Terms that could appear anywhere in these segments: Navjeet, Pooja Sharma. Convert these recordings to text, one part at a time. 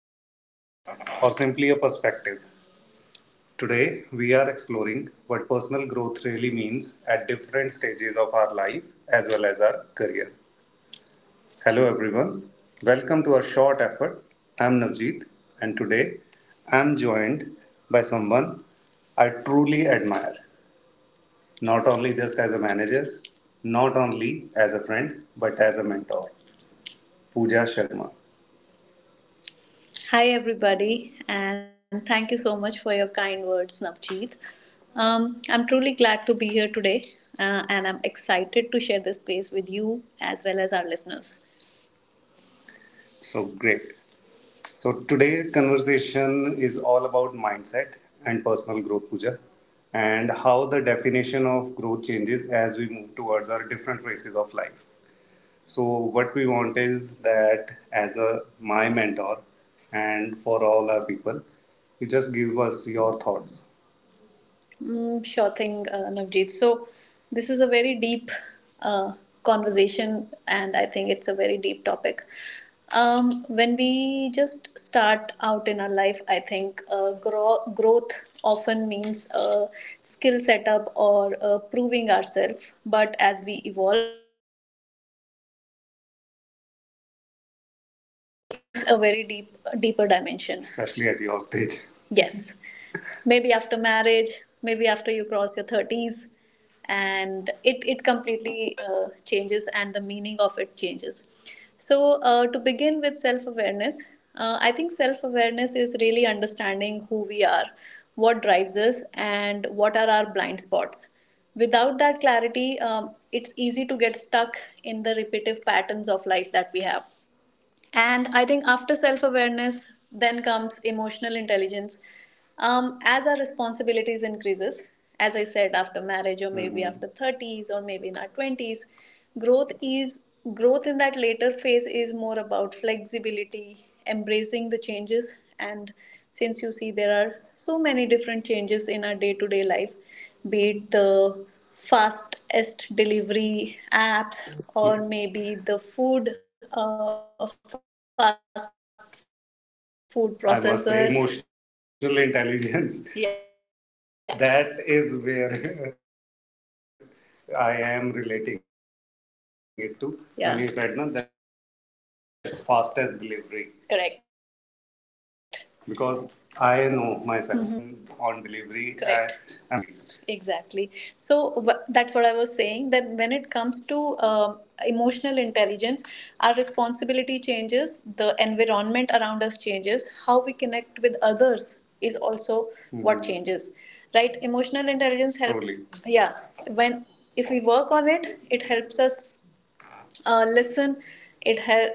mindset, or simply a perspective? Today, we are exploring what personal growth really means at different stages of our life as well as our career. Hello, everyone. Welcome to our short effort. I'm Navjeet, and today I'm joined by someone I truly admire. Not only just as a manager, not only as a friend, but as a mentor. Pooja Sharma. Hi, everybody, and thank you so much for your kind words, Navjeet. I'm truly glad to be here today, and I'm excited to share this space with you as well as our listeners. So great. So today's conversation is all about mindset and personal growth, Pooja, and how the definition of growth changes as we move towards our different phases of life. So what we want is that as a my mentor and for all our people, you just give us your thoughts. Mm, sure thing, Navjeet. So, this is a very deep uh, conversation, and I think it's a very deep topic. When we just start out in our life, I think growth often means a skill setup or proving ourselves. But as we evolve, A very deep, deeper dimension, especially at your stage. Yes. Maybe after marriage, maybe after you cross your 30s, and it completely changes and the meaning of it changes. So, to begin with self awareness, I think self awareness is really understanding who we are, what drives us, and what are our blind spots. Without that clarity, it's easy to get stuck in the repetitive patterns of life that we have, and I think after self awareness, then comes emotional intelligence. As our responsibilities increases, as I said, after marriage or maybe after 30s or maybe in our 20s, growth is growth in that later phase is more about flexibility, embracing the changes. And since you see there are so many different changes in our day to day life, be it the fastest delivery apps or maybe the food fast food processors. I must say, processors emotional intelligence. Yeah, that is where I am relating it to. Yeah, when yeah you said no, that fastest delivery. Correct. Because I know myself, mm-hmm, mm-hmm, and I really run impatient whenever my Correct. Order is an, on delivery. I'm tracking it every single second. Correct. That where my delivery boy has reached. Exactly. So that's what I was saying, that when it comes to emotional intelligence, our responsibility changes, the environment around us changes, how we connect with others is also, mm-hmm, what changes. Right, emotional intelligence helps. Yeah, when if we work on it it helps us listen. it help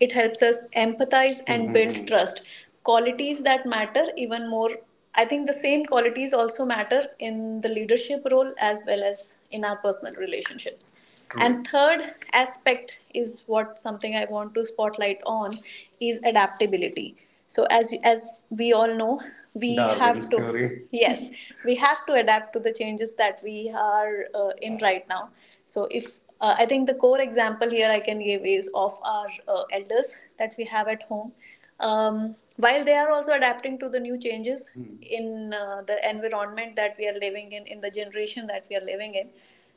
it helps us empathize and, mm-hmm, build trust, qualities that matter even more. I think the same qualities also matter in the leadership role as well as in our personal relationships. True. And third aspect is what something I want to spotlight on is adaptability. So as we all know, we Darwin's have to theory. Yes, we have to adapt to the changes that we are in right now. So if I think the core example here I can give is of our elders that we have at home. While they are also adapting to the new changes, hmm, in the environment that we are living in the generation that we are living in,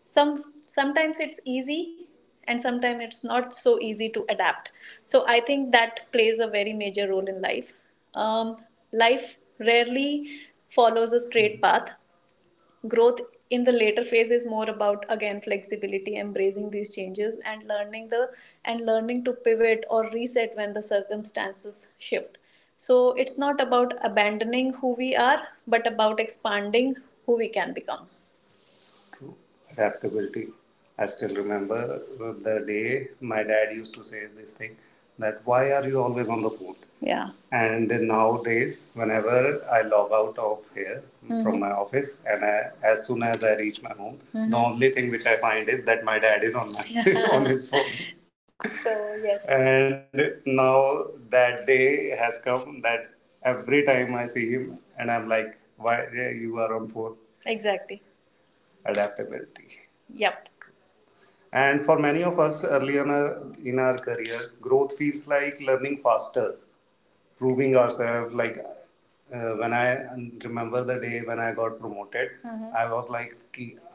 sometimes it's easy and sometimes it's not so easy to adapt. So I think that plays a very major role in life. um, Life rarely follows a straight path. Growth in the later phase is more about, again, flexibility, embracing these changes and learning the and learning to pivot or reset when the circumstances shift. So it's not about abandoning who we are, but about expanding who we can become. True. Adaptability. I still remember the day my dad used to say this thing, that why are you always on the phone? Yeah. And nowadays, whenever I log out of here, mm-hmm, from my office, and I, as soon as I reach my home, mm-hmm, the only thing which I find is that my dad is on my on his phone. So yes. And now that day has come that every time I see him, and I'm like, why yeah, you are on phone? Exactly. Adaptability. Yep. And for many of us early in our careers, growth feels like learning faster, proving ourselves. Like when I remember the day when I got promoted, mm-hmm, I was like,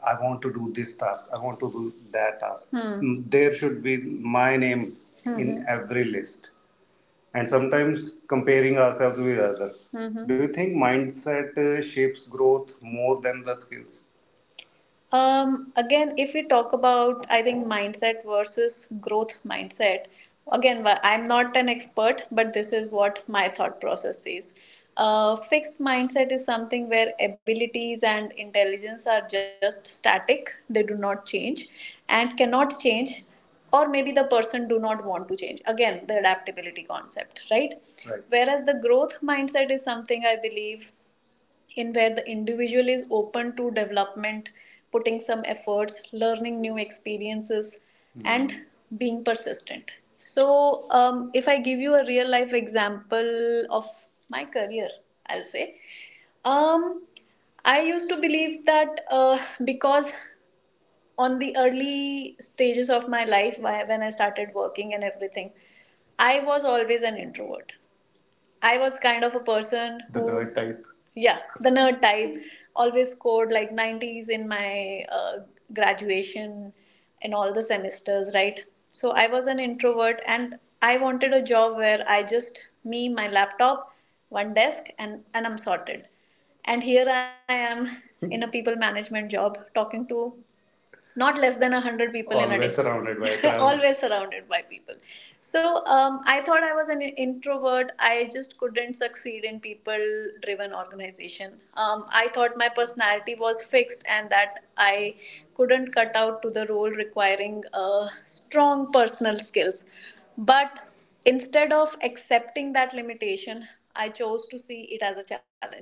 I want to do this task, I want to do that task. Mm, there should be my name, mm-hmm, in every list. And sometimes comparing ourselves with others. Mm-hmm. Do you think mindset shapes growth more than the skills? Again, if we talk about, I think, mindset versus growth mindset, again, I'm not an expert, but this is what my thought process is. Fixed mindset is something where abilities and intelligence are just static, they do not change and cannot change, or maybe the person do not want to change, again the adaptability concept, right? Right. Whereas the growth mindset is something I believe in, where the individual is open to development, putting some efforts, learning new experiences, mm, and being persistent. So, if I give you a real life example of my career, I'll say, um, I used to believe that because on the early stages of my life, when I started working and everything, I was always an introvert. I was kind of a person who, the nerd type. Yeah, the nerd type, always scored like 90s in my graduation in all the semesters, right? So I was an introvert and I wanted a job where I just, me, my laptop, one desk, and I'm sorted. And here I am in a people management job talking to not less than 100 people always in a always day surrounded by crowd. Always surrounded by people. So I thought I was an introvert, I just couldn't succeed in people driven organization. I thought my personality was fixed and that I couldn't cut out to the role requiring strong personal skills. But instead of accepting that limitation, I chose to see it as a challenge.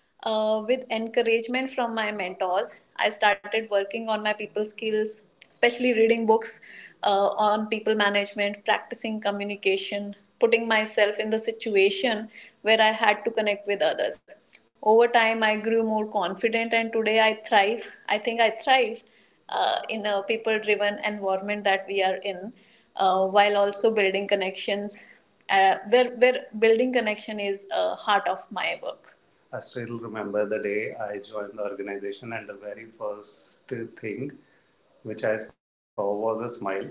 With encouragement from my mentors, I started working on my people skills, especially reading books on people management, practicing communication, putting myself in the situation where I had to connect with others. Over time, I grew more confident, and today I thrive. I thrive in a people driven environment that we are in, while also building connections, where building connection is a heart of my work. I still remember the day I joined the organization, and the very first thing which I saw was a smile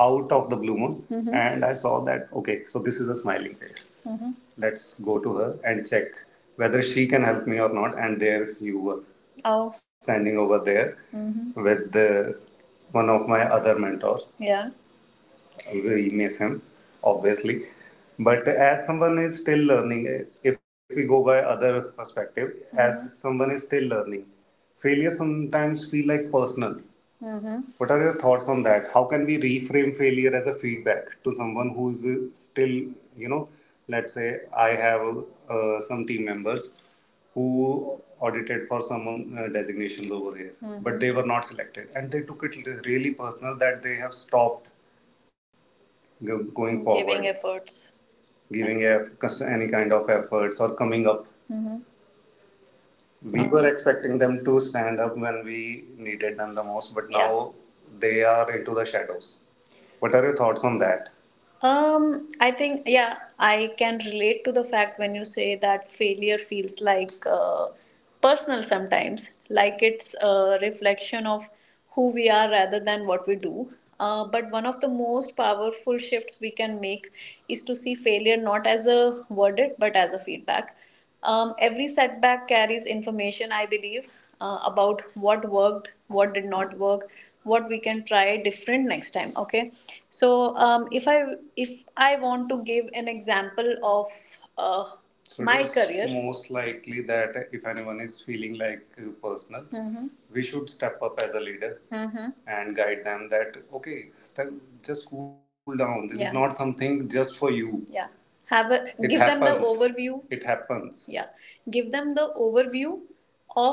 out of the blue moon. Mm-hmm. And I saw that, okay, so this is a smiling face. Mm-hmm. Let's go to her and check whether she can help me or not. And there you were. Oh, standing over there, mm-hmm, with the, one of my other mentors. Yeah. We miss him, obviously. But as someone is still learning, if we go by other perspective, mm-hmm, as someone is still learning, failure sometimes feel like personal. What are your thoughts on that? How can we reframe failure as a feedback to someone who's still, you know, let's say I have some team members who audited for some designations over here, but they were not selected, and they took it really personal that they have stopped going forward, giving efforts, any kind of efforts or coming up. We were expecting them to stand up when we needed them the most, but Yeah. now they are into the shadows. What are your thoughts on that? I think, yeah, I can relate to the fact when you say that failure feels like personal sometimes, like it's a reflection of who we are rather than what we do. But one of the most powerful shifts we can make is to see failure not as a verdict but as a feedback. Every setback carries information, I believe, about what worked, what did not work, what we can try different next time. Okay, so if I want to give an example of uh, So my it is career, most likely that if anyone is feeling like personal, mhm, we should step up as a leader, mm-hmm, and guide them that okay, just cool down. This Yeah. is not something just for you. Yeah, have a It give happens. Them the overview It happens. Yeah, give them the overview of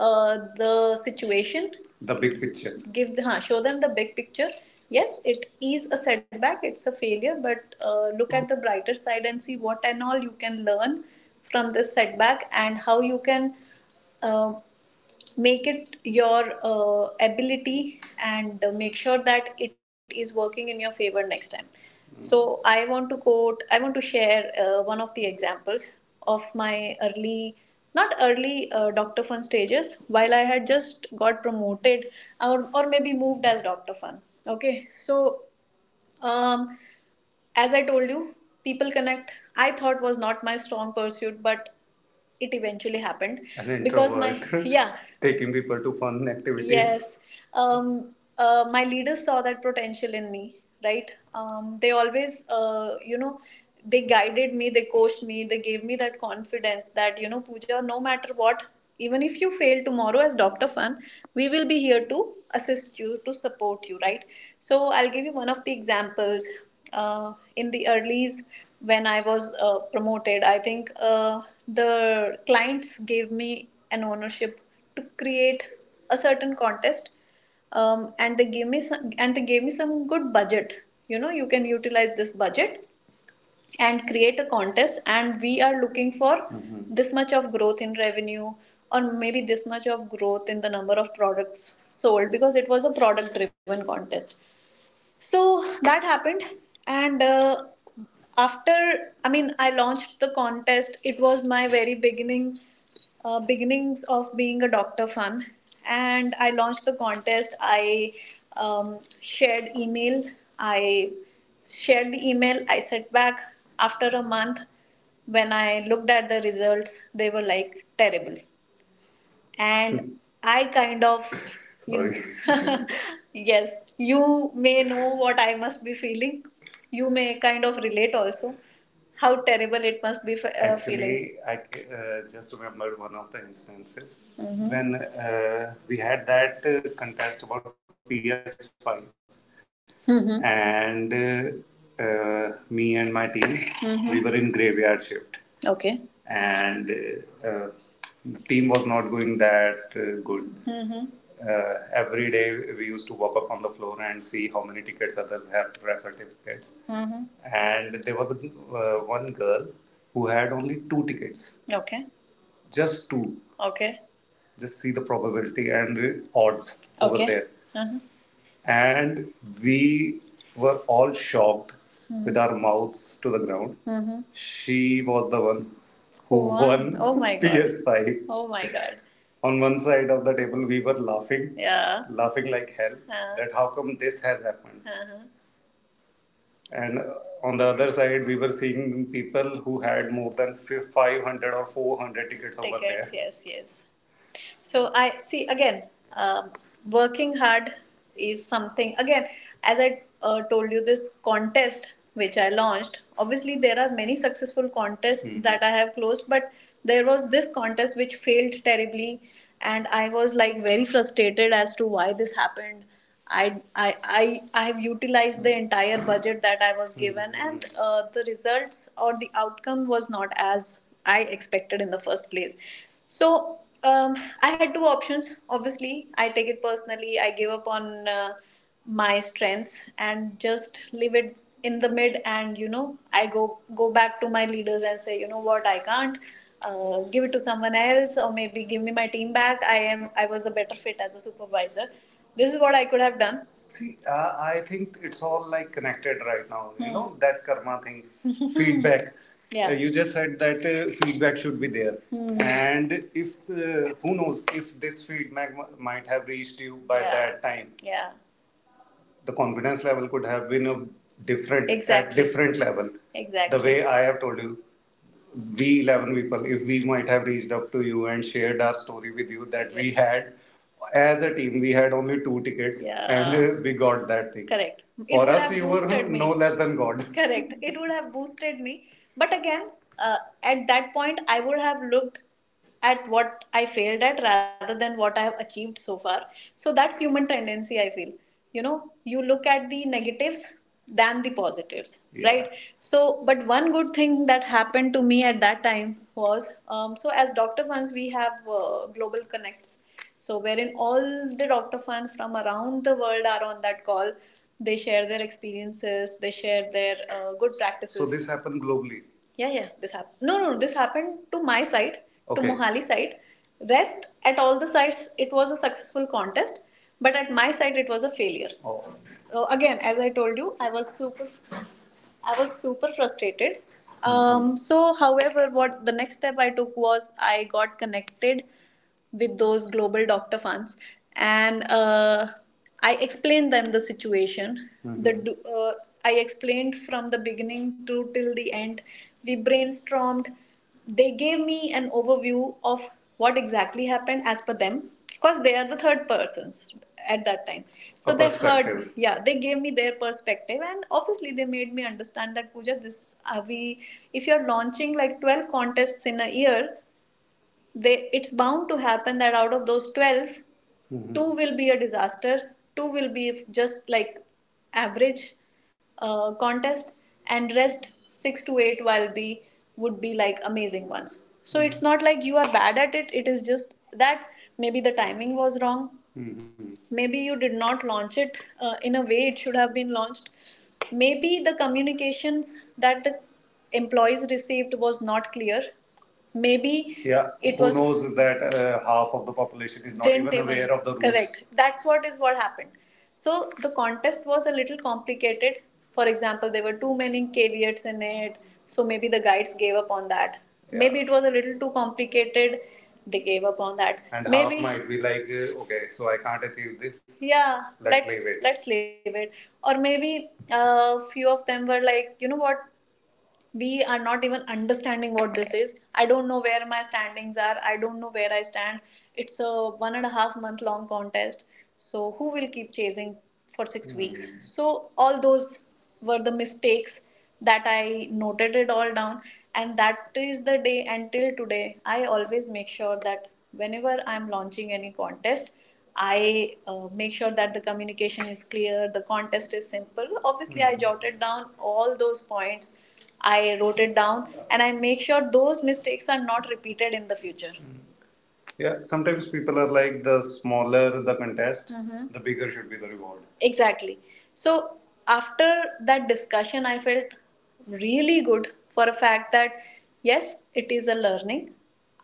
uh, the situation, the big picture. Give the, huh, show them the big picture. Yes, it is a setback, it's a failure, but look at the brighter side and see what and all you can learn from this setback and how you can uh, make it your ability and make sure that it is working in your favor next time. Mm. So I want to share one of the examples of my early, not early, Dr. Fun stages, while I had just got promoted or maybe moved as Dr. Fun. Okay, so um, as I told you, people connect. I thought was not my strong pursuit, but it eventually happened An because my introvert yeah taking people to fun activities. Yes. Um, my leaders saw that potential in me, right? They always, they guided me, they coached me, they gave me that confidence that, you know, Pooja, no matter what, even if you fail tomorrow as dr fun, we will be here to assist you, to support you, right? So I'll give you one of the examples. In the earlies, when I was promoted, I think the clients gave me an ownership to create a certain contest. And they gave me some and they gave me some good budget. You know, you can utilize this budget and create a contest, and we are looking for, mm-hmm, this much of growth in revenue, or maybe this much of growth in the number of products sold, because it was a product driven contest. So that happened. And After, I mean, I launched the contest. It was my very beginning, beginnings of being a doctor fan. And I launched the contest, I, shared email, I shared the email, I sat back. After a month, when I looked at the results, they were like terrible. And I kind of, you, sorry. Yes, you may know what I must be feeling, you may kind of relate also how terrible it must be feeling. Actually, I just remembered one of the instances. Mhm. When we had that contest about PS5, mhm, and me and my team, mhm, we were in graveyard shift. Okay. And team was not going that good. Mm-hmm. Every day we used to walk up on the floor and see how many tickets others have, refer tickets. Mm-hmm. And there was a, one girl who had only two tickets. Okay. Just two. Okay. Just see the probability and the odds over, okay, over there. Uh-huh. And we were all shocked, mm-hmm, with our mouths to the ground. Mm-hmm. She was the one who won? Won. Oh my God. PS5. Oh my god. On one side of the table, we were laughing, yeah, laughing like hell. Huh. That how come this has happened. Yeah. And On the other side, we were seeing people who had more than 500 or 400 tickets, over there. Tickets. Yes. Yes. So I see again, um, working hard is something. Again, as I told you, this contest which I launched, obviously there are many successful contests, mhm, that I have closed, but there was this contest which failed terribly, and I was like very frustrated as to why this happened. I have utilized the entire budget that I was given, and the results or the outcome was not as I expected in the first place. So, I had two options. Obviously, I take it personally, I gave up on my strengths and just leave it in the mid, and you know, I go back to my leaders and say, you know what, I can't. Give it to someone else, or maybe give me my team back. I was a better fit as a supervisor. This is what I could have done. See, I think it's all like connected right now. You, mm, know that karma thing. Feedback. Yeah. You just said that feedback should be there, mm, and if who knows, if this feedback might have reached you by, yeah, that time, yeah, the confidence level could have been a different at, exactly, at different level. Exactly. The, exactly, way I have told you, we 11 people, if we might have reached up to you and shared our story with you that we, yes, had as a team, we had only two tickets, yeah, and, yeah, we got that thing. Correct. It, for would us, have, you were, boosted me, no less than God. Correct. It would have boosted me. But again, uh, at that point, I would have looked at what I failed at rather than what I have achieved so far. So that's human tendency, I feel. You know, you look at the negatives than the positives, yeah, right? So, but one good thing that happened to me at that time was, so as Dr. Funds, we have global connects. So, wherein all the Dr. Funds from around the world are on that call. They share their experiences, they share their good practices. So this happened globally. Yeah, yeah, this happened. No, no, this happened to my side, okay, to Mohali side. Rest at all the sites, it was a successful contest, but at my side, it was a failure. Oh. So again, as I told you, I was super frustrated. Mm-hmm. So, however, what the next step I took was I got connected with those global doctor funds, and I explained them the situation. Mm-hmm. the uh, I explained from the beginning to till the end. We brainstormed, they gave me an overview of what exactly happened as per them, because they are the third persons at that time. So they heard, yeah, they gave me their perspective, and obviously they made me understand that Pooja, this are we, if you're launching like 12 contests in a year, they it's bound to happen that out of those 12, mhm, two will be a disaster, two will be just like average contest, and rest six to eight will be, would be like amazing ones. So, mm-hmm, it's not like you are bad at it, it is just that maybe the timing was wrong. Mm-hmm. Maybe you did not launch it in a way it should have been launched. Maybe the communications that the employees received was not clear. Maybe, yeah, it, who was knows, that half of the population is not didn't even, even aware even, of the rules. Correct. That's what, is what happened. So the contest was a little complicated. For example, there were too many caveats in it, so maybe the guides gave up on that. Yeah. Maybe it was a little too complicated, they gave up on that. And maybe half might be like, okay, so I can't achieve this. Yeah. Let's leave it. Let's leave it. Or maybe a few of them were like, you know what, we are not even understanding what this is. I don't know where my standings are, I don't know where I stand. It's a 1.5 month long contest, so who will keep chasing for 6, mm, weeks. Hmm. So all those were the mistakes that I noted it all down. And that is the day until today I always make sure that whenever I'm launching any contest, I make sure that the communication is clear, the contest is simple. Obviously, mm-hmm, I jotted down all those points. I wrote it down and I make sure those mistakes are not repeated in the future. Yeah, sometimes people are like the smaller the contest, mm-hmm, the bigger should be the reward. Exactly. So after that discussion, I felt really good for a fact that yes, it is a learning.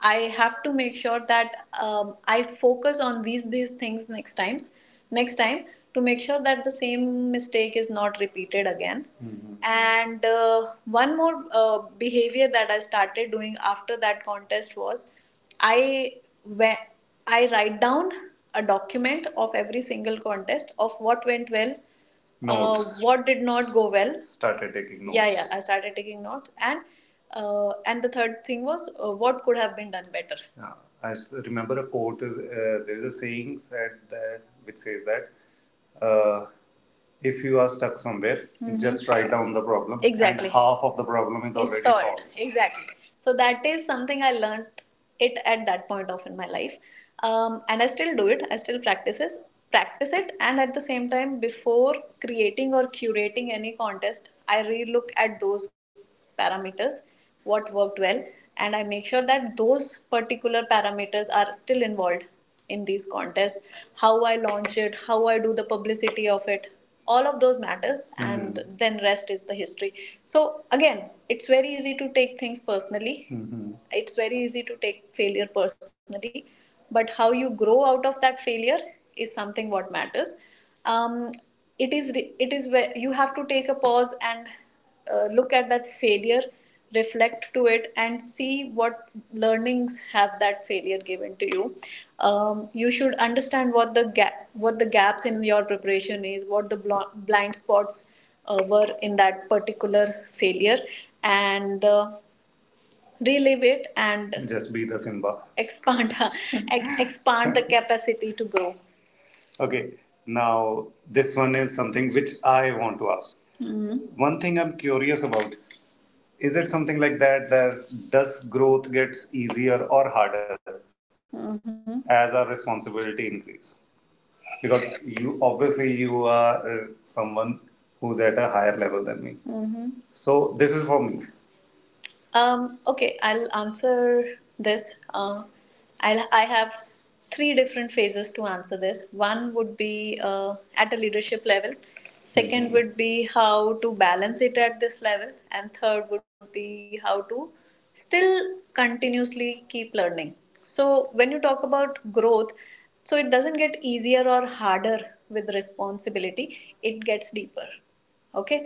I have to make sure that I focus on these things next times, next time, to make sure that the same mistake is not repeated again. Mm-hmm. And one more behavior that I started doing after that contest was I, when I write down a document of every single contest of what went well, notes, what did not go well. Started taking notes. Yeah, yeah. I started taking notes, and the third thing was what could have been done better. Yeah, I remember a quote. There is a saying said that which says that uh, if you are stuck somewhere, mm-hmm, just write down the problem, and, exactly, and half of the problem is already solved. Solved. Exactly. So that is something I learned it at that point of in my life, and I still do it. I still practice it, and at the same time, before creating or curating any contest, I re look at those parameters, what worked well, and I make sure that those particular parameters are still involved in these contests, how I launch it, how I do the publicity of it. All of those matters, mm, and mhm, then rest is the history. So again, it's very easy to take things personally, mhm, it's very easy to take failure personally, but how you grow out of that failure is something what matters. um, it is it is where you have to take a pause and look at that failure, reflect to it, and see what learnings have that failure given to you. You should understand what the gap what the gaps in your preparation is, what the blind spots were in that particular failure, and relive it and, just be the Simba, expand expand the capacity to grow. Okay, now this one is something which I want to ask. Mhm. One thing I'm curious about is it something like that that does growth gets easier or harder, mhm, as our responsibility increase? Because you obviously you are someone who's at a higher level than me. Mm. So this is for me. Okay, I'll answer this. I have three different phases to answer this. One would be at a leadership level. Second Hmm. would be how to balance it at this level, and third would be how to still continuously keep learning. So when you talk about growth, so it doesn't get easier or harder with responsibility. It gets deeper. Okay.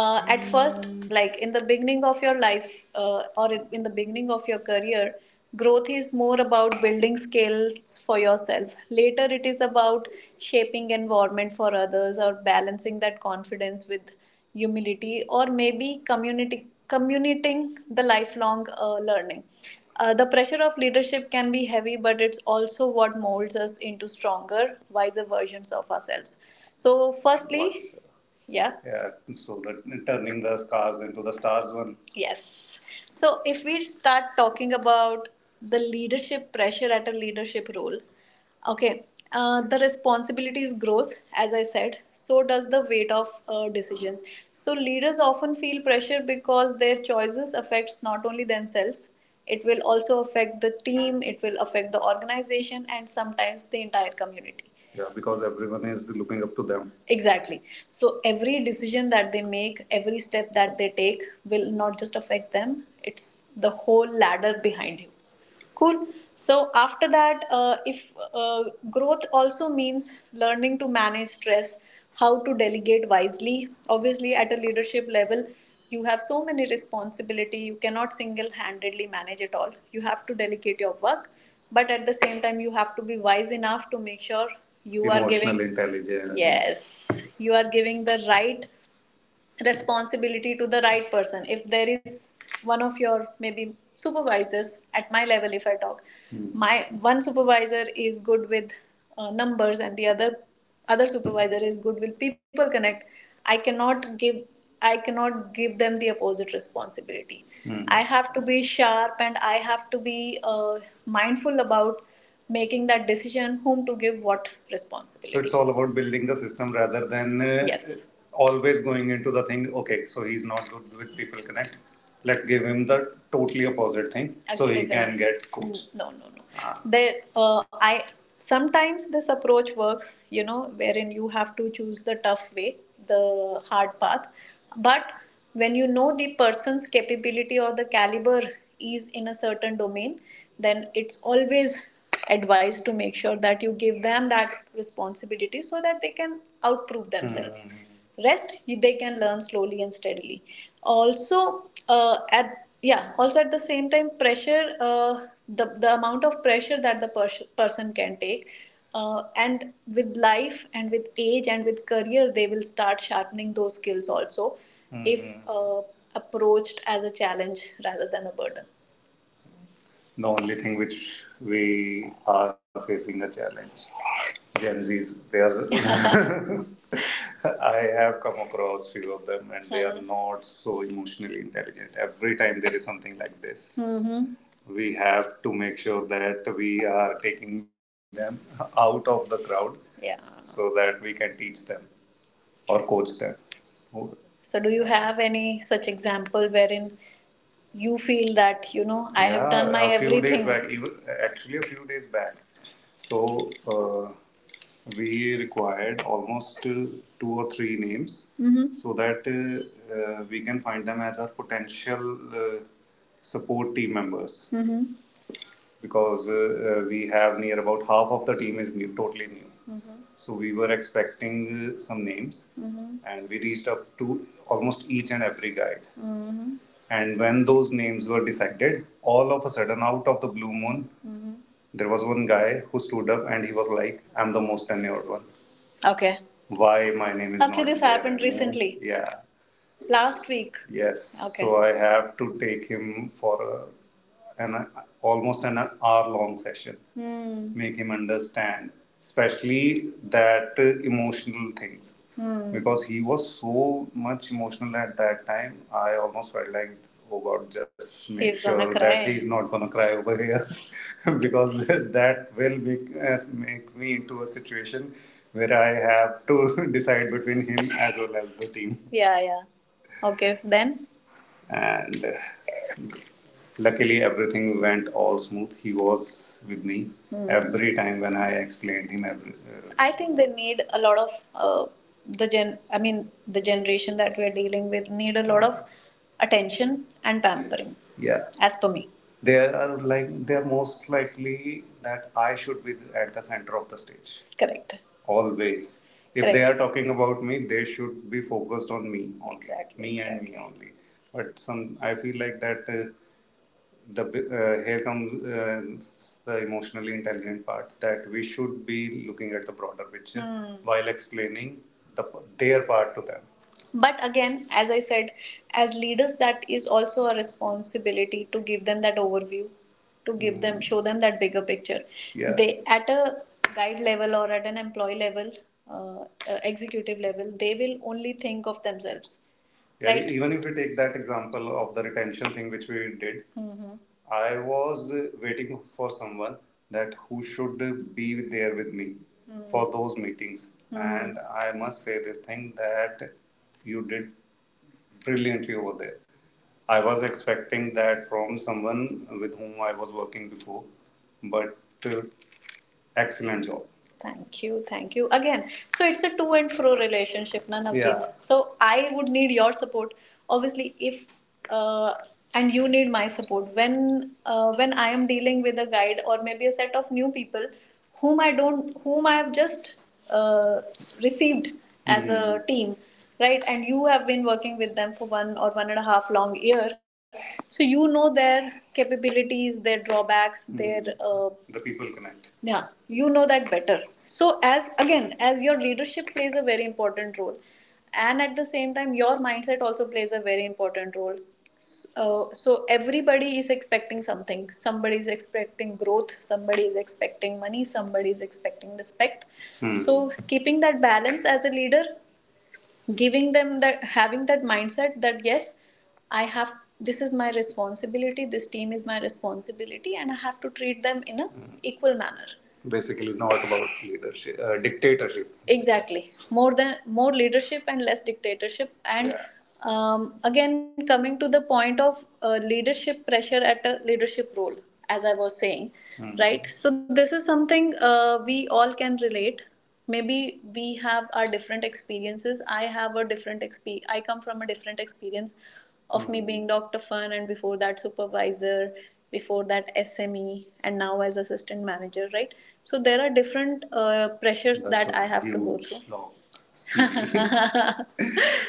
At first, like in the beginning of your life or in the beginning of your career, growth is more about building skills for yourself. Later it is about shaping environment for others, or balancing that confidence with humility, or maybe community communicating the lifelong learning. The pressure of leadership can be heavy, but it's also what molds us into stronger, wiser versions of ourselves. So firstly, yeah. Yeah, so that turning the scars into the stars one. Yes. So if we start talking about the leadership pressure at a leadership role, okay, the responsibilities grows, as I said. So does the weight of decisions. So leaders often feel pressure because their choices affects not only themselves. It will also affect the team. It will affect the organization, and sometimes the entire community, yeah, because everyone is looking up to them. Exactly. So every decision that they make, every step that they take, will not just affect them, it's the whole ladder behind you. Cool. So after that, if growth also means learning to manage stress, how to delegate wisely. Obviously, at a leadership level, you have so many responsibility. You cannot single-handedly manage it all. You have to delegate your work, but at the same time, you have to be wise enough to make sure you are giving. Emotional intelligence. Yes, you are giving the right responsibility to the right person. If there is one of your maybe supervisors, at my level if I talk, hmm, my one supervisor is good with numbers, and the other supervisor is good with people connect. I cannot give i cannot give them the opposite responsibility. Hmm. I have to be sharp, and I have to be mindful about making that decision, whom to give what responsibility. So it's all about building the system rather than Yes. always going into the thing. Okay, so he's not good with people connect. Let's give him the totally opposite thing, Actually, so he Absolutely. Can get coached. No, no, no. Ah. they I Sometimes this approach works, you know, wherein you have to choose the tough way, the hard path, but when you know the person's capability or the caliber is in a certain domain, then it's always advice to make sure that you give them that responsibility so that they can outprove themselves. Mm-hmm. Rest, they can learn slowly and steadily. Also, at yeah also at the same time pressure, the amount of pressure that the person can take, and with life and with age and with career, they will start sharpening those skills also. Mm-hmm. If uh, approached as a challenge rather than a burden. The only thing which we are facing a challenge. Gen Zs, they are. I have come across few of them, and they are not so emotionally intelligent. Every time there is something like this, mm, we have to make sure that we are taking them out of the crowd, Yeah. so that we can teach them or coach them. So, do you have any such example wherein you feel that, you know, I have Yeah, done my Yeah, a few days everything. Back, even actually a few days back. So we required almost two or three names, hmm, so that we can find them as our potential support team members. Mhm. Because we have near about half of the team is new, totally new. Mhm. So we were expecting some names, Mhm. and we reached up to almost each and every guide. And when those names were decided, all of a sudden, out of the blue moon, there was one guy who stood up, and he was like, I'm the most tenured one. Okay. Why my name is Okay, not Okay, this happened recently. Name. Yeah. Last week. Yes. Okay. So I have to take him for almost an hour long session, make him understand especially that emotional things. Hmm. Because he was so much emotional at that time, I almost felt like, oh god, just make He's sure gonna that cry. He's not gonna cry over here, because that will make make me into a situation where I have to decide between him as well as the team. Yeah, yeah. Okay, then? And Luckily, everything went all smooth. He was with me, hmm, every time when I explained him every. I think they need a lot of uh, the gen. I mean, the generation that we're dealing with need a lot of attention and pampering. Yeah, as per me, they are like, they are most likely that I should be at the center of the stage, correct, always. If Correct. They are talking about me, they should be focused on me only, Exactly. me exactly. and Exactly. me only. But some, I feel like that. The Here comes the emotionally intelligent part, that we should be looking at the broader picture, mm, while explaining the their part to them. But again, as I said, as leaders, that is also a responsibility to give them that overview, to give mm. them show them that bigger picture. Yeah. They at a guide level or at an employee level, executive level, they will only think of themselves, yeah, right? Even if we take that example of the retention thing which we did, Mhm. I was waiting for someone that who should be there with me, mm-hmm, for those meetings. Mhm. And I must say this thing, that you did brilliantly over there. I was expecting that from someone with whom I was working before, but uh, excellent job. Thank you, thank you. Again, so it's a to and fro relationship, na Navjeet? Yeah. So I would need your support, obviously, if uh, and you need my support when I am dealing with a guide or maybe a set of new people whom I don't whom I have just uh, received as mm. a team, right? And you have been working with them for one or one and a half long year, so you know their capabilities, their drawbacks, mm, their The people connect. Yeah, you know that better. So as again, as your leadership plays a very important role, and at the same time your mindset also plays a very important role. So, uh, so everybody is expecting something. Somebody is expecting growth, somebody is expecting money, somebody is expecting respect. Hmm. So keeping that balance as a leader, giving them that, having that mindset, that yes, I have, this is my responsibility, this team is my responsibility, and I have to treat them in an equal manner. Basically not about leadership, dictatorship. Exactly, more than, more leadership and less dictatorship, and Yeah. Again coming to the point of leadership pressure at a leadership role, as I was saying, mm-hmm, right? So this is something we all can relate. Maybe we have our different experiences. I have a different exp. I come from a different experience, of me being Dr. Fun, and before that supervisor, before that SME, and now as assistant manager, right? So there are different pressures That's that I have to go through. Long.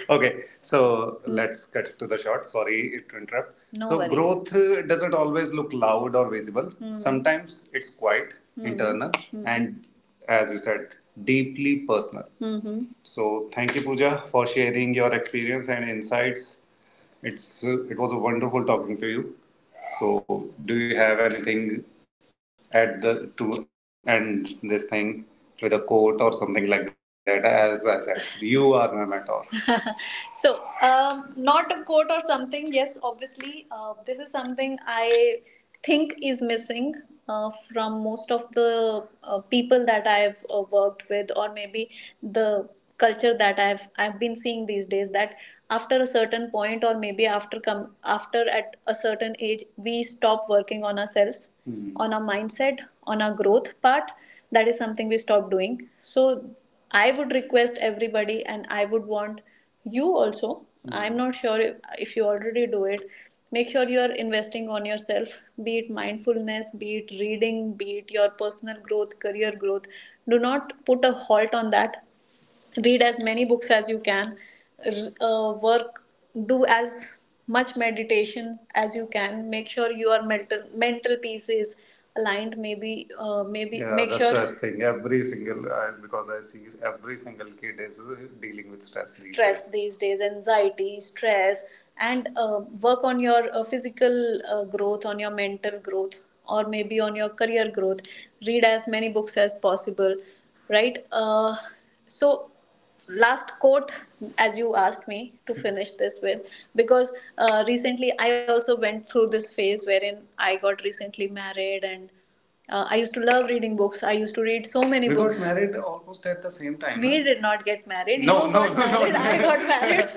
Okay, so let's cut to the short. Sorry to interrupt. No So, worries. Growth doesn't always look loud or visible. Hmm. Sometimes it's quiet, Hmm. internal, Hmm. and as you said, deeply personal. So thank you, Pooja, for sharing your experience and insights. It was a wonderful talking to you. So do you have anything at the to end this thing with a quote or something like that? As I said, you are my mentor. So, not a quote or something. Yes, obviously, this is something I think is missing from most of the people that I've worked with, or maybe the culture that I've been seeing these days. That after a certain point, or maybe after come after at a certain age, we stop working on ourselves, Hmm. on our mindset, on our growth part. That is something we stop doing. So I would request everybody, and I would want you also. I'm not sure if you already do it. Make sure you are investing on yourself, be it mindfulness, be it reading, be it your personal growth, career growth. Do not put a halt on that. Read as many books as you can. Work do as much meditation as you can. Make sure your mental peace is aligned. Maybe Yeah, make the sure stress thing. Every single, I, because I see is every single kid is dealing with stress these stress days. These days, anxiety, stress, and work on your physical growth, on your mental growth, or maybe on your career growth. Read as many books as possible, right? So last quote, as you asked me to finish this with. Because recently I also went through this phase, wherein I got recently married, and I used to love reading books, I used to read so many We books. We got married almost at the same time. We huh? did not get married No, you no, got no, married, no. I got married.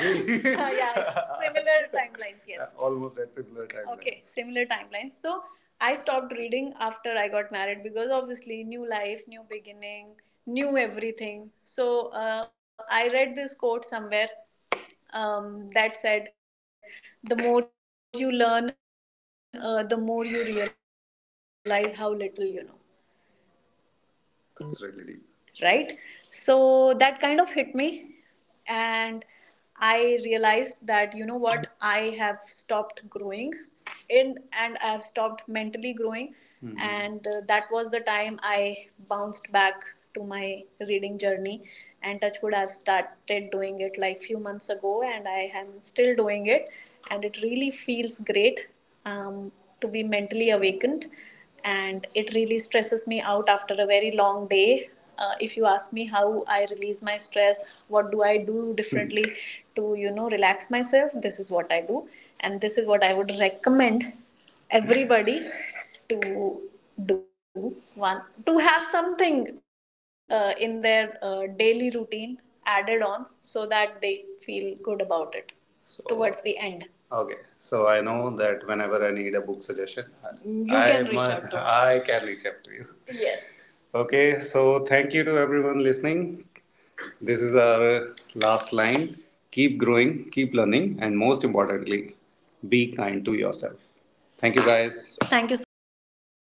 Really? Yeah, similar timelines, yes. Almost at similar timelines. Okay, similar timelines. So I stopped reading after I got married, because obviously new life, new beginning, knew everything. So I read this quote somewhere, that said, "The more you learn, the more you realize how little you know." That's really deep. Right? So that kind of hit me, and I realized that, you know what, I have stopped growing in and I have stopped mentally growing, Mm-hmm. and that was the time I bounced back to my reading journey. And Touchwood, I've started doing it like few months ago, and I am still doing it, and it really feels great, um, to be mentally awakened, and it really stresses me out after a very long day. If you ask me how I release my stress, what do I do differently to, you know, relax myself, this is what I do. And this is what I would recommend everybody to do. One, to have something in their daily routine added on, so that they feel good about it. So, towards the end, okay, so I know that whenever I need a book suggestion, You I, can reach out to me. I can reach out to you. Yes. Okay, so thank you to everyone listening. This is our last line. Keep growing, keep learning, and most importantly, be kind to yourself. Thank you, guys. Thank you so much.